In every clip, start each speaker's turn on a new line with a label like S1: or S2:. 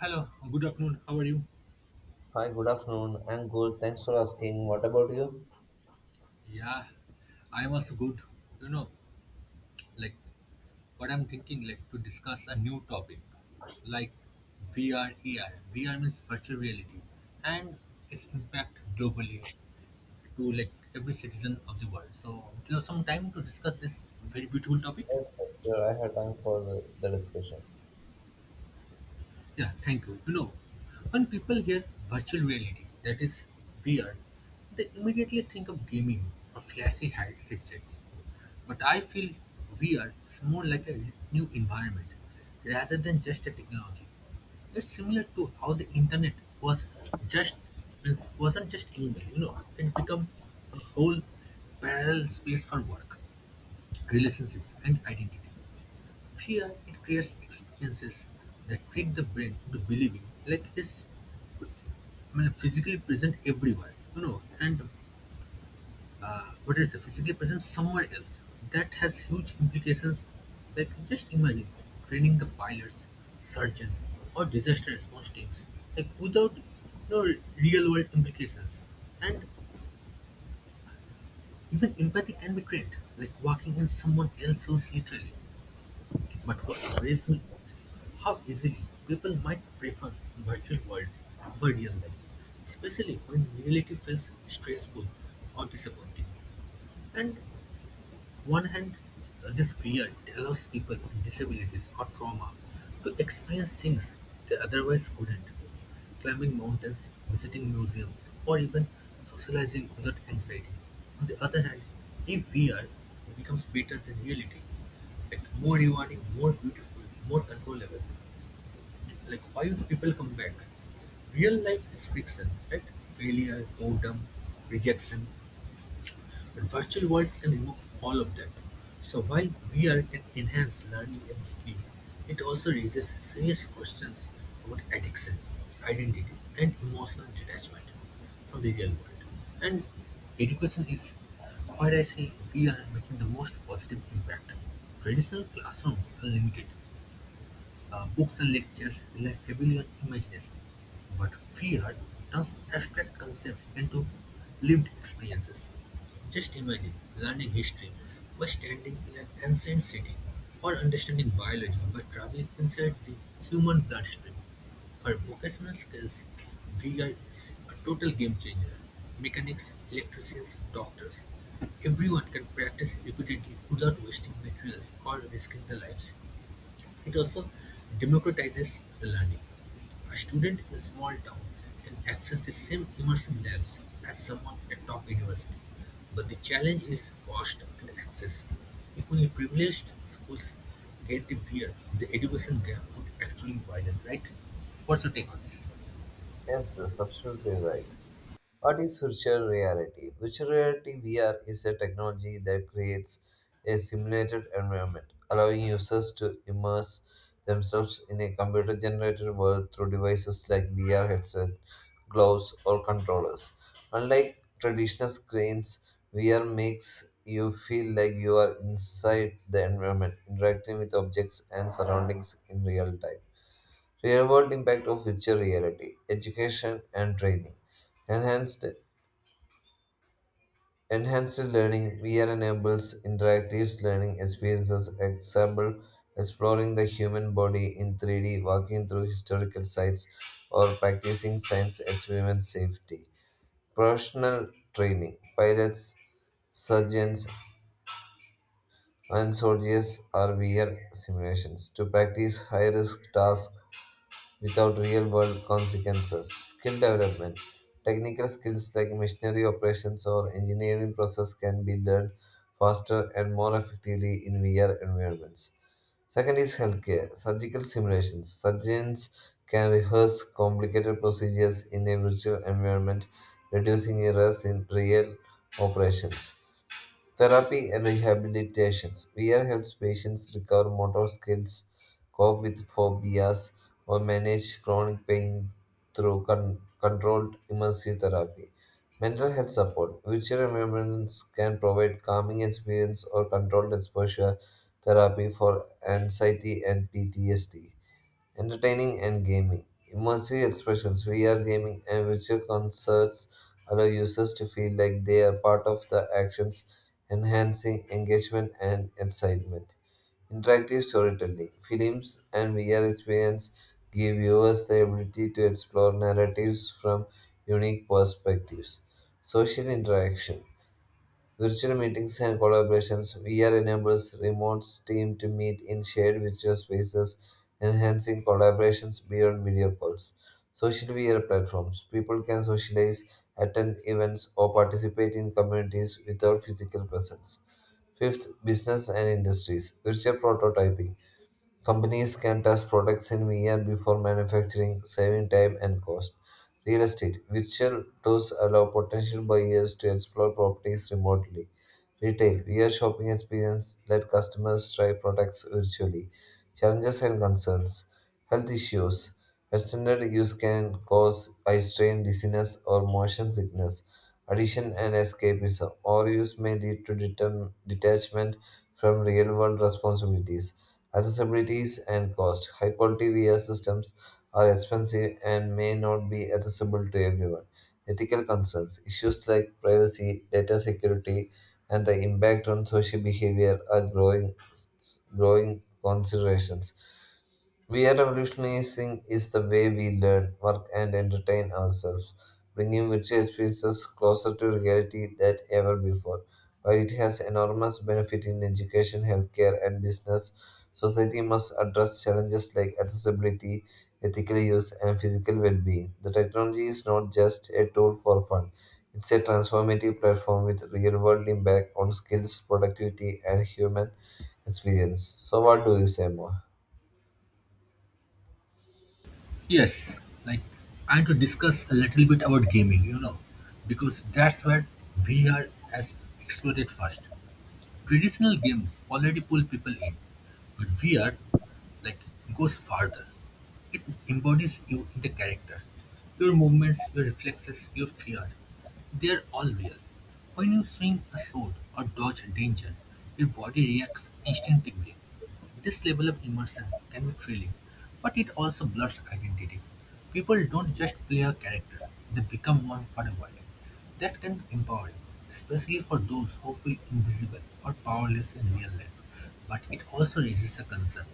S1: Hello, good afternoon. How are you?
S2: Hi, good afternoon. I'm good. Thanks for asking. What about you?
S1: Yeah, I am also good. You know, like what I'm thinking, to discuss a new topic, like VR, means virtual reality, and its impact globally to every citizen of the world. So, do you have some time to discuss this very beautiful topic?
S2: Yes, sir, I have time for the discussion.
S1: Yeah, thank you. When people hear virtual reality, that is VR, they immediately think of gaming or flashy headsets. But I feel VR is more like a new environment rather than just a technology. It's similar to how the internet was just wasn't just email. You know, it became a whole parallel space for work, relationships, and identity. Fear it creates experiences that trick the brain into believing it's physically present everywhere, and what is the physically present somewhere else. That has huge implications. Like just imagine training the pilots, surgeons, or disaster response teams, without no real world implications. And even empathy can be trained, like walking in someone else's shoes literally. But what worries me is how easily people might prefer virtual worlds over real life, especially when reality feels stressful or disappointing. And one hand, this fear it allows people with disabilities or trauma to experience things they otherwise couldn't. Climbing mountains, visiting museums, or even socializing without anxiety. On the other hand, if fear becomes better than reality, like more rewarding, more beautiful, more controllable. Like why do people come back? Real life is friction, right? Failure, boredom, rejection. But virtual worlds can remove all of that. So while VR can enhance learning and healing, it also raises serious questions about addiction, identity, and emotional detachment from the real world. And education is where I see VR making the most positive impact. Traditional classrooms are limited books and lectures rely heavily on imagination, but free art turns abstract concepts into lived experiences. Just imagine learning history by standing in an ancient city or understanding biology by traveling inside the human bloodstream. For vocational skills, VR is a total game changer. Mechanics, electricians, doctors, everyone can practice repeatedly without wasting materials or risking their lives. It also democratizes learning. A student in a small town can access the same immersive labs as someone at a top university, but the challenge is cost and access. If only privileged schools get the beer, the education gap would actually widen, right? What's your take on this?
S2: Yes, absolutely right. What is virtual reality? Virtual reality VR is a technology that creates a simulated environment, allowing users to immerse themselves in a computer generated world through devices like VR headset, gloves, or controllers. Unlike traditional screens, VR makes you feel like you are inside the environment, interacting with objects and surroundings in real time. Real world impact of virtual reality, education and training enhanced. Enhanced learning. VR enables interactive learning experiences, example, exploring the human body in 3D, walking through historical sites, or practicing science experiments safety. Professional training. Pilots, surgeons, and soldiers are VR simulations to practice high risk tasks without real world consequences. Skill development. Technical skills like machinery operations or engineering process can be learned faster and more effectively in VR environments. Second is healthcare surgical simulations. Surgeons can rehearse complicated procedures in a virtual environment, reducing errors in real operations. Therapy and rehabilitations. VR helps patients recover motor skills, cope with phobias, or manage chronic pain through controlled immersive therapy. Mental health support. Virtual environments can provide calming experience or controlled exposure therapy for anxiety and PTSD. Entertaining and gaming. Immersive expressions, VR gaming, and virtual concerts allow users to feel like they are part of the actions, enhancing engagement and excitement. Interactive storytelling, films, and VR experience give viewers the ability to explore narratives from unique perspectives. Social interaction. Virtual meetings and collaborations. VR enables remote teams to meet in shared virtual spaces, enhancing collaborations beyond video calls. Social VR platforms. People can socialize, attend events, or participate in communities without physical presence. Fifth, business and industries. Virtual prototyping. Companies can test products in VR before manufacturing, saving time and cost. Real estate virtual tours allow potential buyers to explore properties remotely. Retail VR shopping experience let customers try products virtually. Challenges and concerns. Health issues. Extended use can cause eye strain, dizziness, or motion sickness. Addiction and escapism. Overuse may lead to detachment from real world responsibilities. Accessibilities and cost. High quality VR systems are expensive and may not be accessible to everyone. Ethical concerns. Issues like privacy, data security, and the impact on social behavior are growing considerations. We are revolutionizing is the way we learn, work, and entertain ourselves, bringing virtual experiences closer to reality than ever before. While it has enormous benefit in education, healthcare, and business, society must address challenges like accessibility, ethical use, and physical well-being. The technology is not just a tool for fun; it's a transformative platform with real-world impact on skills, productivity, and human experience. So, what do you say more?
S1: Yes, like I want to discuss a little bit about gaming, because that's where VR has exploded first. Traditional games already pull people in, but VR like goes farther. It embodies you in the character. Your movements, your reflexes, your fear, they are all real. When you swing a sword or dodge danger, your body reacts instinctively. This level of immersion can be thrilling, but it also blurs identity. People don't just play a character, they become one for a while. That can be empowering, especially for those who feel invisible or powerless in real life. But it also raises a concern.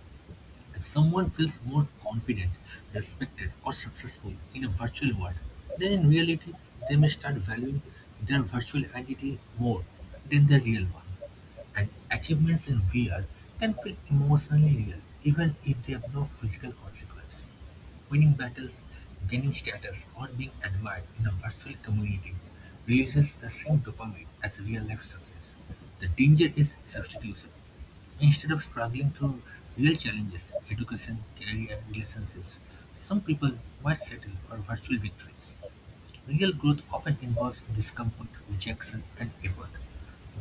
S1: If someone feels more confident, respected, or successful in a virtual world, then in reality they may start valuing their virtual identity more than their real one. And achievements in VR can feel emotionally real, even if they have no physical consequence. Winning battles, gaining status, or being admired in a virtual community releases the same dopamine as real-life success. The danger is substitution. Instead of struggling through real challenges, education, career, relationships, some people might settle for virtual victories. Real growth often involves discomfort, rejection, and effort.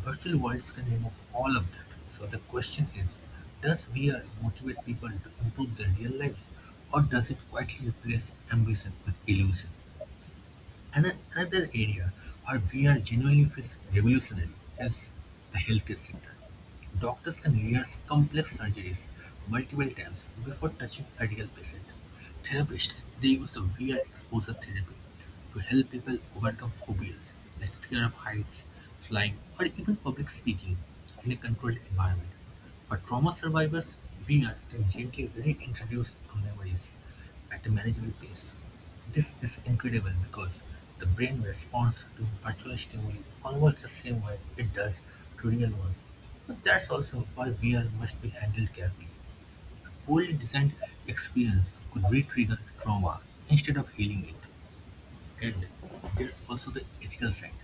S1: Virtual worlds can remove all of that. So the question is, does VR motivate people to improve their real lives, or does it quietly replace ambition with illusion? Another area where VR genuinely feels revolutionary is the healthcare sector. Doctors can rehearse complex surgeries multiple times before touching a real patient. Therapists, they use the VR exposure therapy to help people overcome phobias like fear of heights, flying, or even public speaking in a controlled environment. For trauma survivors, beer can gently reintroduce memories at a manageable pace. This is incredible because the brain responds to virtual stimuli almost the same way it does to real ones. But that's also why VR must be handled carefully. A poorly designed experience could re-trigger trauma instead of healing it. And there's also the ethical side.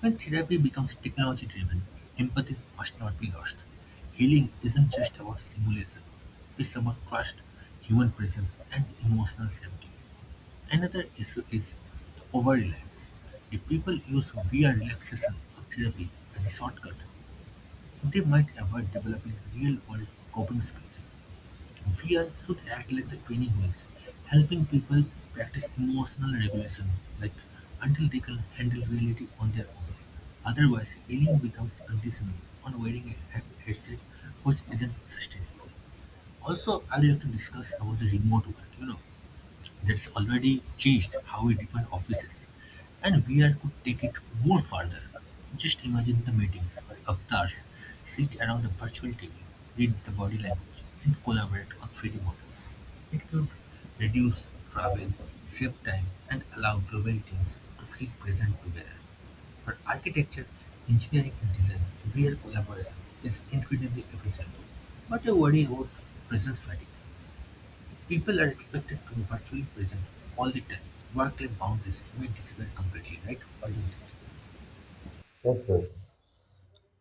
S1: When therapy becomes technology-driven, empathy must not be lost. Healing isn't just about simulation. It's about trust, human presence, and emotional safety. Another issue is the over-reliance. If people use VR relaxation or therapy as a shortcut, they might avoid developing real-world coping skills. Fear should act like the training wheels, helping people practice emotional regulation, like until they can handle reality on their own. Otherwise, healing becomes conditional on wearing a headset, which isn't sustainable. Also, I'd like to discuss about the remote work. That's already changed how we define offices, and VR could take it more further. Just imagine the meetings where avatars sit around a virtual TV, read the body language, and collaborate on 3D models. It could reduce travel, save time, and allow global teams to feel present together. For architecture, engineering, and design, VR collaboration is incredibly efficient, but I worry about presence fatigue. People are expected to be virtually present all the time. Work-life boundaries may disappear completely, right? What do you think?
S2: Yes, yes.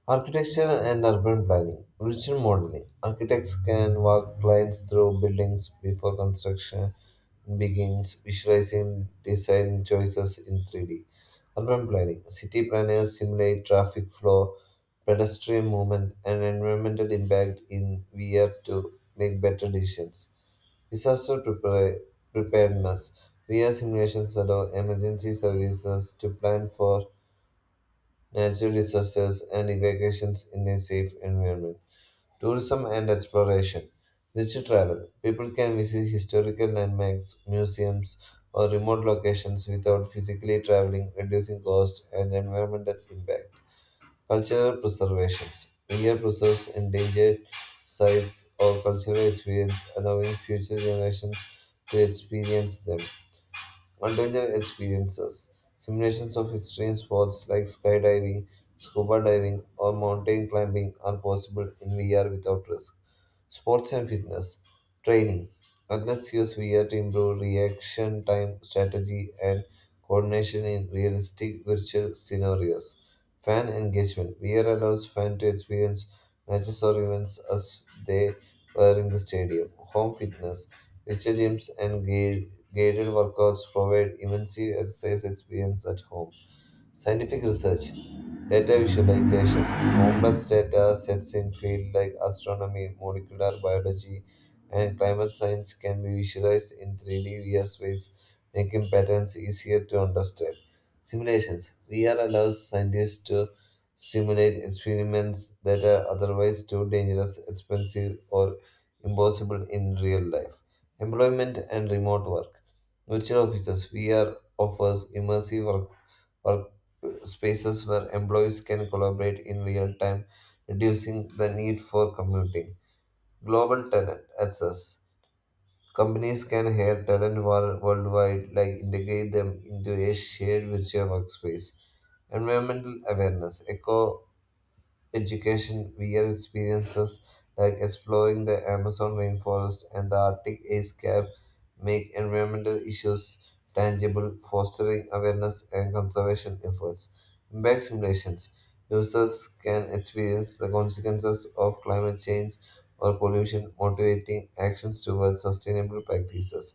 S2: Architecture and urban planning. Virtual modeling. Architects can walk clients through buildings before construction begins, visualizing design choices in 3D. Urban planning. City planners simulate traffic flow, pedestrian movement, and environmental impact in VR to make better decisions. Disaster preparedness. VR simulations allow emergency services to plan for natural disasters and evacuations in a safe environment. Tourism and exploration. Nature travel. People can visit historical landmarks, museums, or remote locations without physically traveling, reducing cost and environmental impact. Cultural preservations. India preserves endangered sites or cultural experience, allowing future generations to experience them. Multi experiences, simulations of extreme sports like skydiving, scuba diving, or mountain climbing are possible in VR without risk. Sports and fitness training. Athletes use VR to improve reaction time, strategy, and coordination in realistic virtual scenarios. Fan engagement. VR allows fans to experience matches or events as they were in the stadium. Home fitness. Nature gyms and guided workouts provide immense exercise experience at home. Scientific research, data visualization, complex data sets in fields like astronomy, molecular biology, and climate science can be visualized in 3D VR space, making patterns easier to understand. Simulations, VR allows scientists to simulate experiments that are otherwise too dangerous, expensive, or impossible in real life. Employment and remote work. Virtual offices, VR offers immersive work spaces where employees can collaborate in real time, reducing the need for commuting. Global talent access. Companies can hire talent worldwide, like integrate them into a shared virtual workspace. Environmental awareness. Eco education, weird experiences like exploring the Amazon rainforest and the Arctic ice cap make environmental issues tangible, fostering awareness and conservation efforts. Impact simulations. Users can experience the consequences of climate change or pollution, motivating actions towards sustainable practices.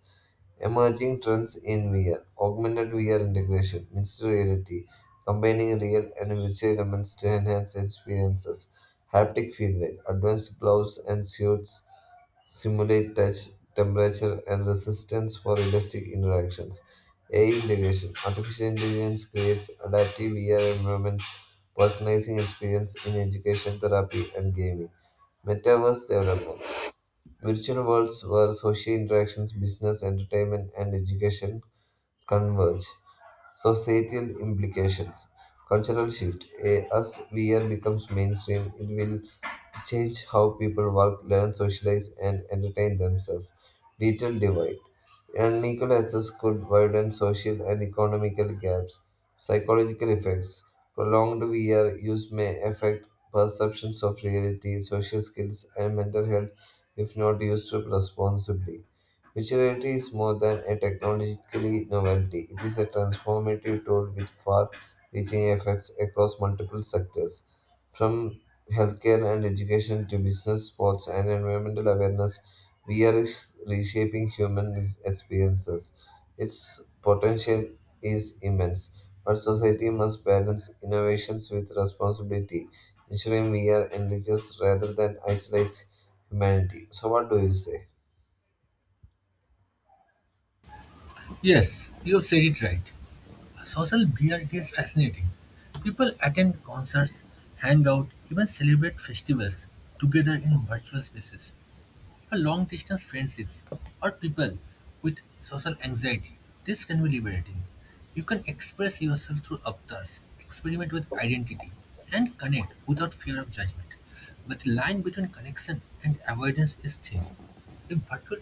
S2: Emerging trends in VR, augmented VR integration, mixed reality, combining real and virtual elements to enhance experiences. Haptic feedback, advanced gloves and suits simulate touch, temperature, and resistance for realistic interactions. AI integration, artificial intelligence creates adaptive VR environments, personalizing experience in education, therapy, and gaming. Metaverse development, virtual worlds where social interactions, business, entertainment, and education converge. Societal implications. Cultural shift. A, as VR becomes mainstream, it will change how people work, learn, socialize, and entertain themselves. Digital divide. Unequal access could widen social and economical gaps. Psychological effects. Prolonged VR use may affect perceptions of reality, social skills, and mental health if not used responsibly. Virtuality is more than a technologically novelty. It is a transformative tool with far-reaching effects across multiple sectors, from healthcare and education to business, sports, and environmental awareness. We are reshaping human experiences. Its potential is immense, but society must balance innovations with responsibility, ensuring VR enriches rather than isolates humanity. So, what do you say?
S1: Yes, you have said it right. Social beer is fascinating. People attend concerts, hang out, even celebrate festivals together in virtual spaces. For long-distance friendships or people with social anxiety. This can be liberating. You can express yourself through avatars, experiment with identity, and connect without fear of judgment. But the line between connection and avoidance is thin. If virtual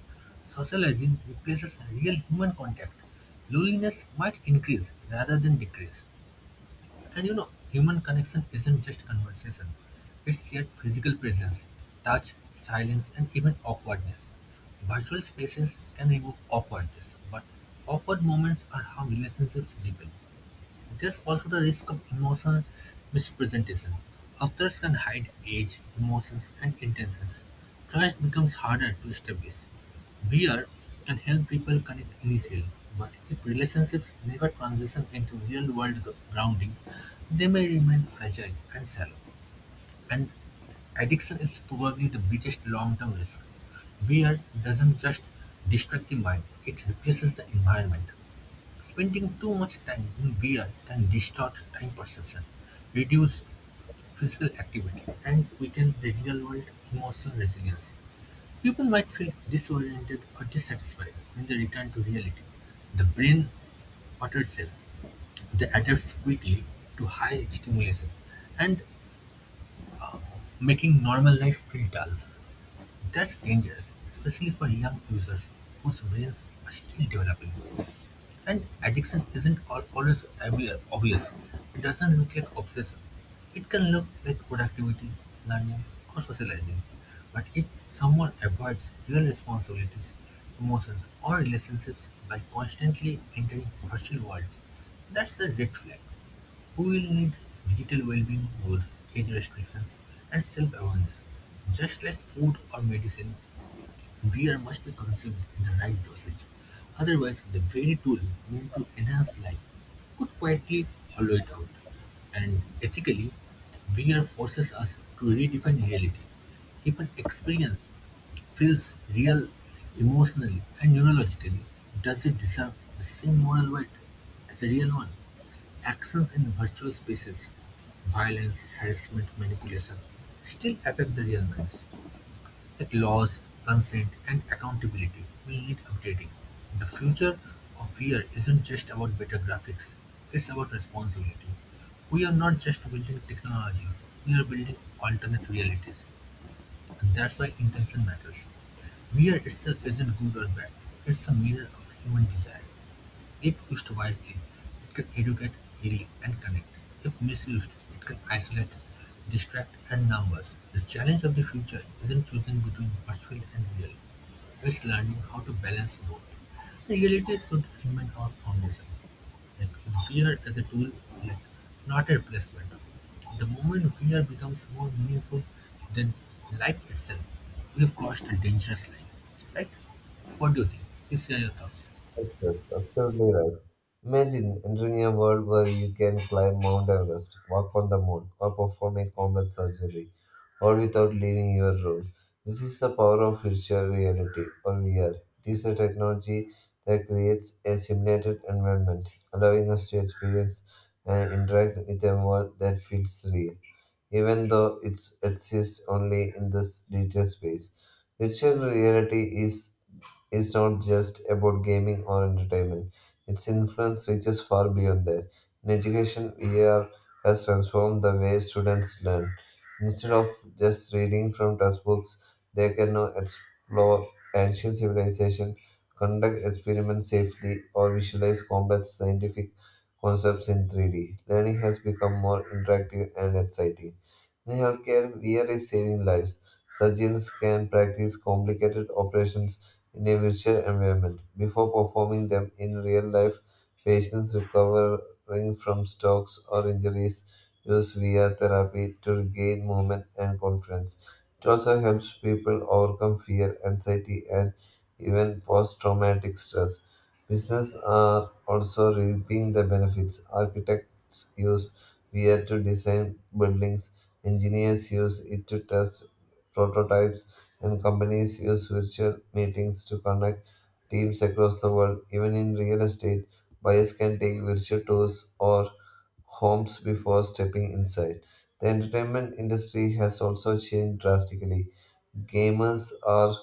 S1: socializing replaces real human contact, loneliness might increase rather than decrease. And you know, human connection isn't just conversation, it's shared physical presence, touch, silence, and even awkwardness. Virtual spaces can remove awkwardness, but awkward moments are how relationships deepen. There's also the risk of emotional misrepresentation. Authors can hide age, emotions, and intentions. Trust becomes harder to establish. VR can help people connect initially, but if relationships never transition into real-world grounding, they may remain fragile and shallow. And addiction is probably the biggest long-term risk. VR doesn't just distract the mind, it replaces the environment. Spending too much time in VR can distort time perception, reduce physical activity, and weaken the real-world emotional resilience. People might feel disoriented or dissatisfied when they return to reality. The brain alters itself. They adapt quickly to high stimulation and making normal life feel dull. That's dangerous, especially for young users whose brains are still developing. And addiction isn't always obvious. It doesn't look like obsession. It can look like productivity, learning, or socializing. But if someone avoids real responsibilities, emotions, or relationships by constantly entering virtual worlds, that's a red flag. We will need digital well-being goals, age restrictions, and self-awareness, just like food or medicine. Beer must be consumed in the right dosage, otherwise the very tool meant to enhance life could quietly hollow it out. And ethically, beer forces us to redefine reality. If an experience feels real emotionally and neurologically. Does it deserve the same moral weight as a real one? Actions in virtual spaces, violence, harassment, manipulation, still affect the real minds. That laws, consent and accountability will need updating. The future of VR isn't just about better graphics, it's about responsibility. We are not just building technology, we are building alternate realities. And that's why intention matters. VR itself isn't good or bad, it's a mirror of human desire. If used wisely, it can educate, heal, and connect. If misused, it can isolate, distract, and numb us. The challenge of the future isn't choosing between virtual and real. It's learning how to balance both. Reality should remain our foundation. Like VR as a tool, like not a replacement. The moment VR becomes more meaningful than life itself, we've crossed a dangerous line. Right? What do you think? Please share your thoughts.
S2: Yes, absolutely right. Imagine entering a world where you can climb Mount Everest, walk on the moon, or perform a combat surgery, all without leaving your room. This is the power of virtual reality, or VR. It is a technology that creates a simulated environment, allowing us to experience and interact with a world that feels real even though it exists only in this digital space. Virtual reality is not just about gaming or entertainment. Its influence reaches far beyond that. In education, VR has transformed the way students learn. Instead of just reading from textbooks, they can now explore ancient civilizations, conduct experiments safely, or visualize complex scientific concepts in 3D. Learning has become more interactive and exciting. In healthcare, VR is saving lives. Surgeons can practice complicated operations in a virtual environment before performing them in real life. Patients recovering from strokes or injuries use VR therapy to regain movement and confidence. It also helps people overcome fear, anxiety, and even post traumatic stress. Businesses are also reaping the benefits. Architects use VR to design buildings. Engineers use it to test prototypes, and companies use virtual meetings to connect teams across the world. Even in real estate, buyers can take virtual tours or homes before stepping inside. The entertainment industry has also changed drastically. Gamers are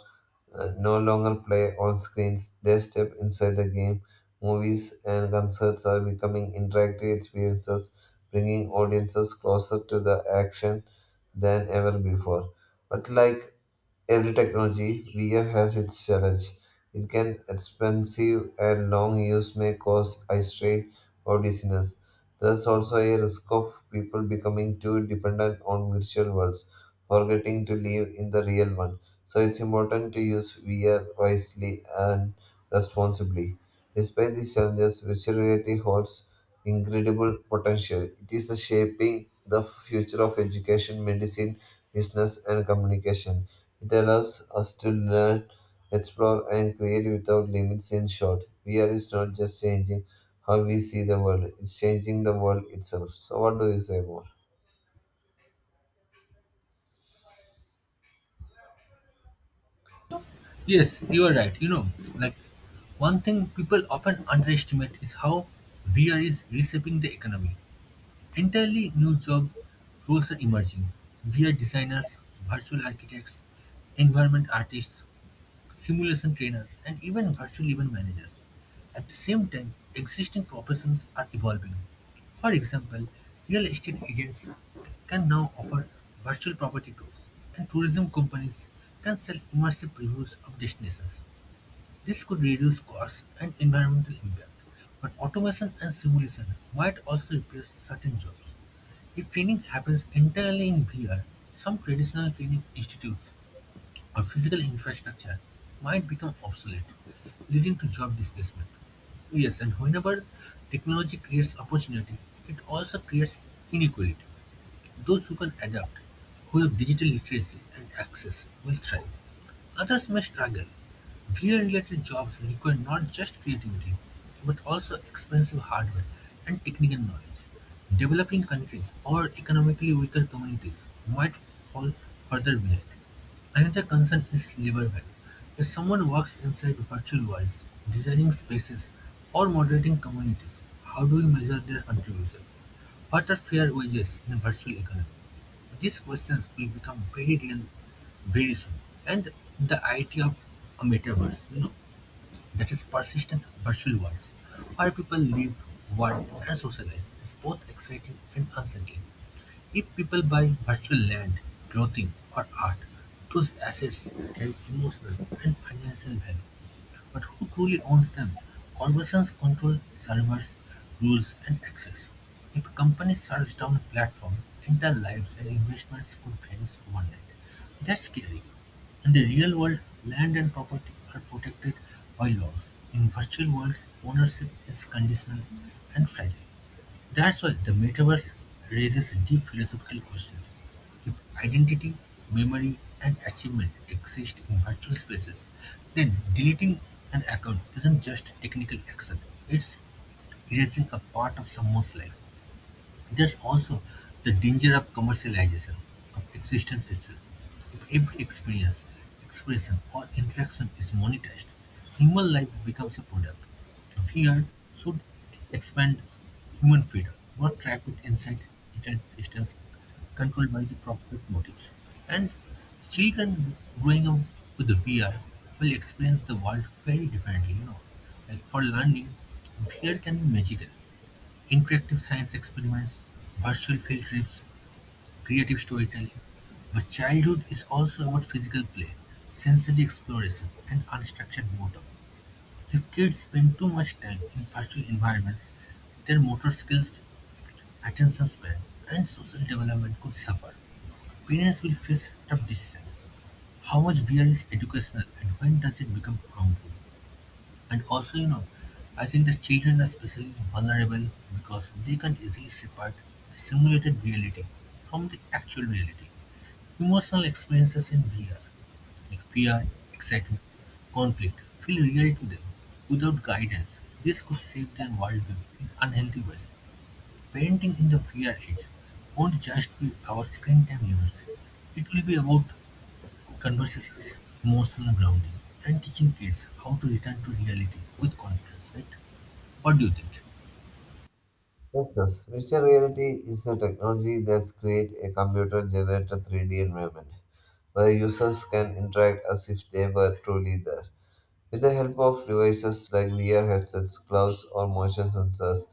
S2: no longer play on screens. They step inside the game. Movies and concerts are becoming interactive experiences, bringing audiences closer to the action than ever before. But like every technology VR has its challenge. It can expensive and long use may cause eye strain or dizziness. There's also a risk of people becoming too dependent on virtual worlds, forgetting to live in the real one. So it's important to use VR wisely and responsibly. Despite these challenges, virtual reality holds incredible potential. It is the shaping the future of education, medicine, business, and communication. It allows us to learn, explore, and create without limits. In short, VR is not just changing how we see the world, it's changing the world itself. So, what do you say more?
S1: Yes, you are right. Like one thing people often underestimate is how VR is reshaping the economy. Entirely new job roles are emerging. VR designers, virtual architects, environment artists, simulation trainers, and even virtual event managers. At the same time, existing professions are evolving. For example, real estate agents can now offer virtual property tours, and tourism companies can sell immersive previews of destinations. This could reduce costs and environmental impact, but automation and simulation might also replace certain jobs. If training happens entirely in VR, some traditional training institutes or physical infrastructure might become obsolete, leading to job displacement. Yes, and whenever technology creates opportunity, it also creates inequality. Those who can adapt, who have digital literacy and access, will thrive. Others may struggle. VR related jobs require not just creativity, but also expensive hardware and technical knowledge. Developing countries or economically weaker communities might fall further behind. Another concern is labor value. If someone works inside virtual worlds, designing spaces, or moderating communities, how do we measure their contribution? What are fair wages in a virtual economy? These questions will become very real very soon. And the idea of a metaverse, that is persistent virtual worlds, where people live, work, and socialize, is both exciting and unsettling. If people buy virtual land, clothing, or art, those assets carry emotional and financial value. But who truly owns them? Corporations control servers, rules, and access. If companies shuts down a platform, entire lives and investments could vanish overnight. That's scary. In the real world, land and property are protected by laws. In virtual worlds, ownership is conditional and fragile. That's why the metaverse raises deep philosophical questions. If identity, memory, and achievement exist in virtual spaces, then deleting an account isn't just technical action, it's erasing a part of someone's life. There's also the danger of commercialization of existence itself. If every experience, expression, or interaction is monetized, human life becomes a product. Fear should expand human freedom, not trap it inside certain systems controlled by the profit motives. And children growing up with VR will experience the world very differently. Like for learning, VR can be magical. Interactive science experiments, virtual field trips, creative storytelling, but childhood is also about physical play, sensory exploration, and unstructured motor. If kids spend too much time in virtual environments, their motor skills, attention span, and social development could suffer. Parents will face tough decisions. How much VR is educational and when does it become harmful? And I think that children are especially vulnerable because they can easily separate the simulated reality from the actual reality. Emotional experiences in VR, like fear, excitement, conflict, feel real to them without guidance. This could shape their worldview in unhealthy ways. Parenting in the VR age won't just be about screen time limits. It will be about conversations, emotional grounding, and teaching kids how to return to reality with confidence, right? What do you think?
S2: Yes, yes. Virtual reality is a technology that creates a computer generated 3D environment where users can interact as if they were truly there. With the help of devices like VR headsets, gloves, or motion sensors,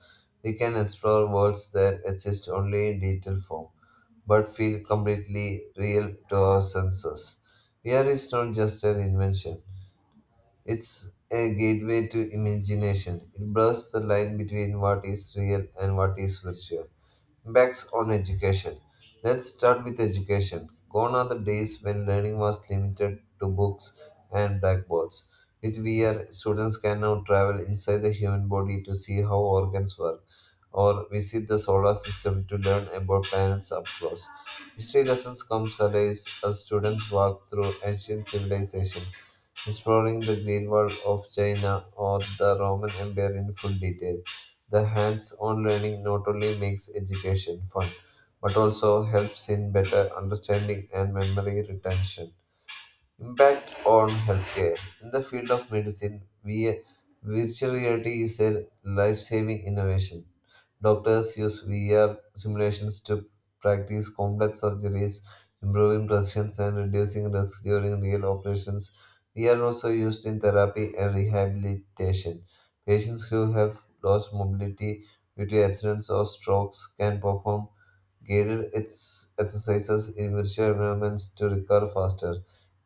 S2: we can explore worlds that exist only in digital form but feel completely real to our senses. VR is not just an invention, it's a gateway to imagination. It blurs the line between what is real and what is virtual. Impacts on education. Let's start with education. Gone are the days when learning was limited to books and blackboards. With VR, students can now travel inside the human body to see how organs work or visit the solar system to learn about planets up close. History lessons come alive as students walk through ancient civilizations exploring the Great Wall of China or the Roman Empire in full detail. The hands on learning not only makes education fun, but also helps in better understanding and memory retention. Impact on healthcare. In the field of medicine, virtual reality is a life saving innovation. Doctors use VR simulations to practice complex surgeries, improving precision and reducing risk during real operations. VR also used in therapy and rehabilitation. Patients who have lost mobility due to accidents or strokes can perform guided its exercises in virtual environments to recover faster.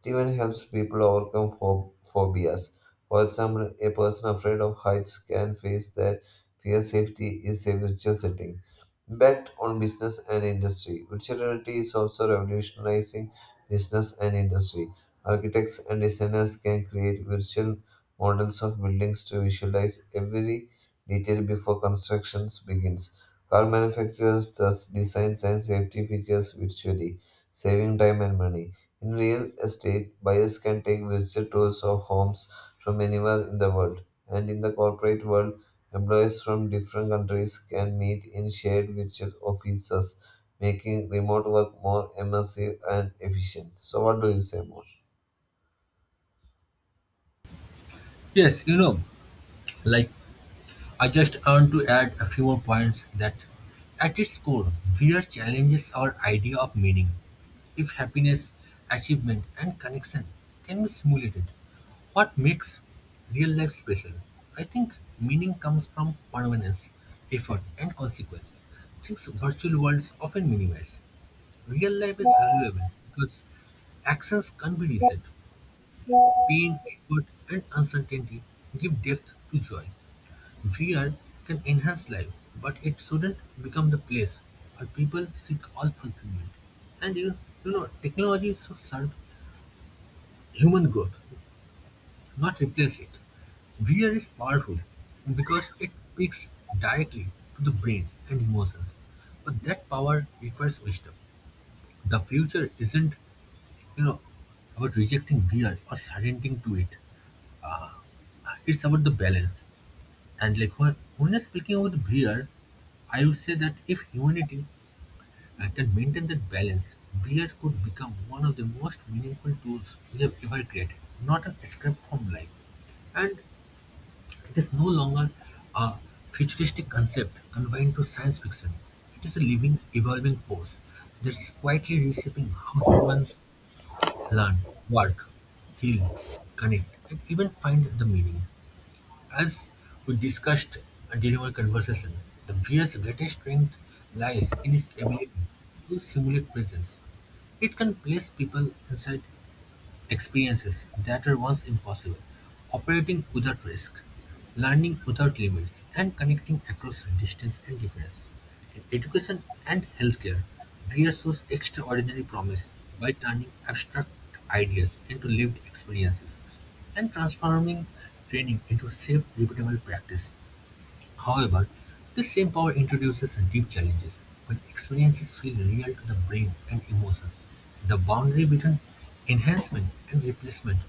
S2: It even helps people overcome phobias. For example, a person afraid of heights can face that fear safety is a virtual setting. Impact on business and industry. Virtuality is also revolutionizing business and industry. Architects and designers can create virtual models of buildings to visualize every detail before construction begins. Car manufacturers thus design and safety features virtually, saving time and money. In real estate, buyers can take virtual tours of homes from anywhere in the world, and in the corporate world, employees from different countries can meet in shared virtual offices, making remote work more immersive and efficient. So, what do you say more?
S1: Yes, like I just want to add a few more points that at its core, VR challenges our idea of meaning. If happiness, achievement, and connection can be simulated, what makes real life special? I think meaning comes from permanence, effort, and consequence, things virtual worlds often minimize. Real life is valuable because actions can't be reset. Pain, effort, and uncertainty give depth to joy. VR can enhance life, but it shouldn't become the place where people seek all fulfillment. And you know, Technology should serve human growth, not replace it. VR is powerful because it speaks directly to the brain and emotions, but that power requires wisdom. The future isn't you know, about rejecting VR or surrendering to it. It's about the balance. And when I'm speaking about VR, I would say that if humanity can maintain that balance, VR could become one of the most meaningful tools we have ever created, not an escape from life. And it is no longer a futuristic concept confined to science fiction. It is a living, evolving force that's quietly reshaping how humans learn, work, heal, connect, and even find the meaning. As we discussed during our conversation, the VR's greatest strength lies in its ability to simulate presence. It can place people inside experiences that were once impossible, operating without risk, learning without limits, and connecting across distance and difference. In education and healthcare, Greer shows extraordinary promise by turning abstract ideas into lived experiences and transforming training into safe, repeatable practice. However, this same power introduces deep challenges. When experiences feel real to the brain and emotions, the boundary between enhancement and replacement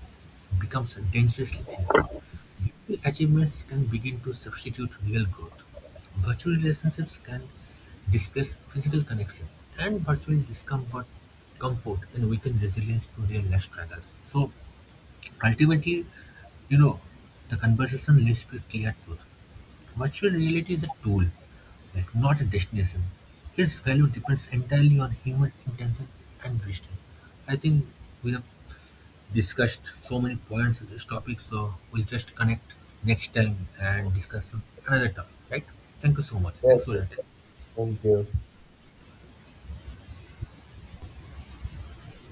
S1: becomes dangerously thin. Virtual achievements can begin to substitute real growth. Virtual relationships can displace physical connection, and virtual discomfort, comfort, and weaken resilience to real life struggles. So, ultimately, you know, the conversation leads to a clear truth. Virtual reality is a tool, like not a destination. Its value depends entirely on human intention and vision. I think we have discussed so many points in this topic, so we'll just connect next time and discuss another topic, right? Thank you so much.
S2: Yes,
S1: Thanks for
S2: yes,
S1: your time.
S2: thank you.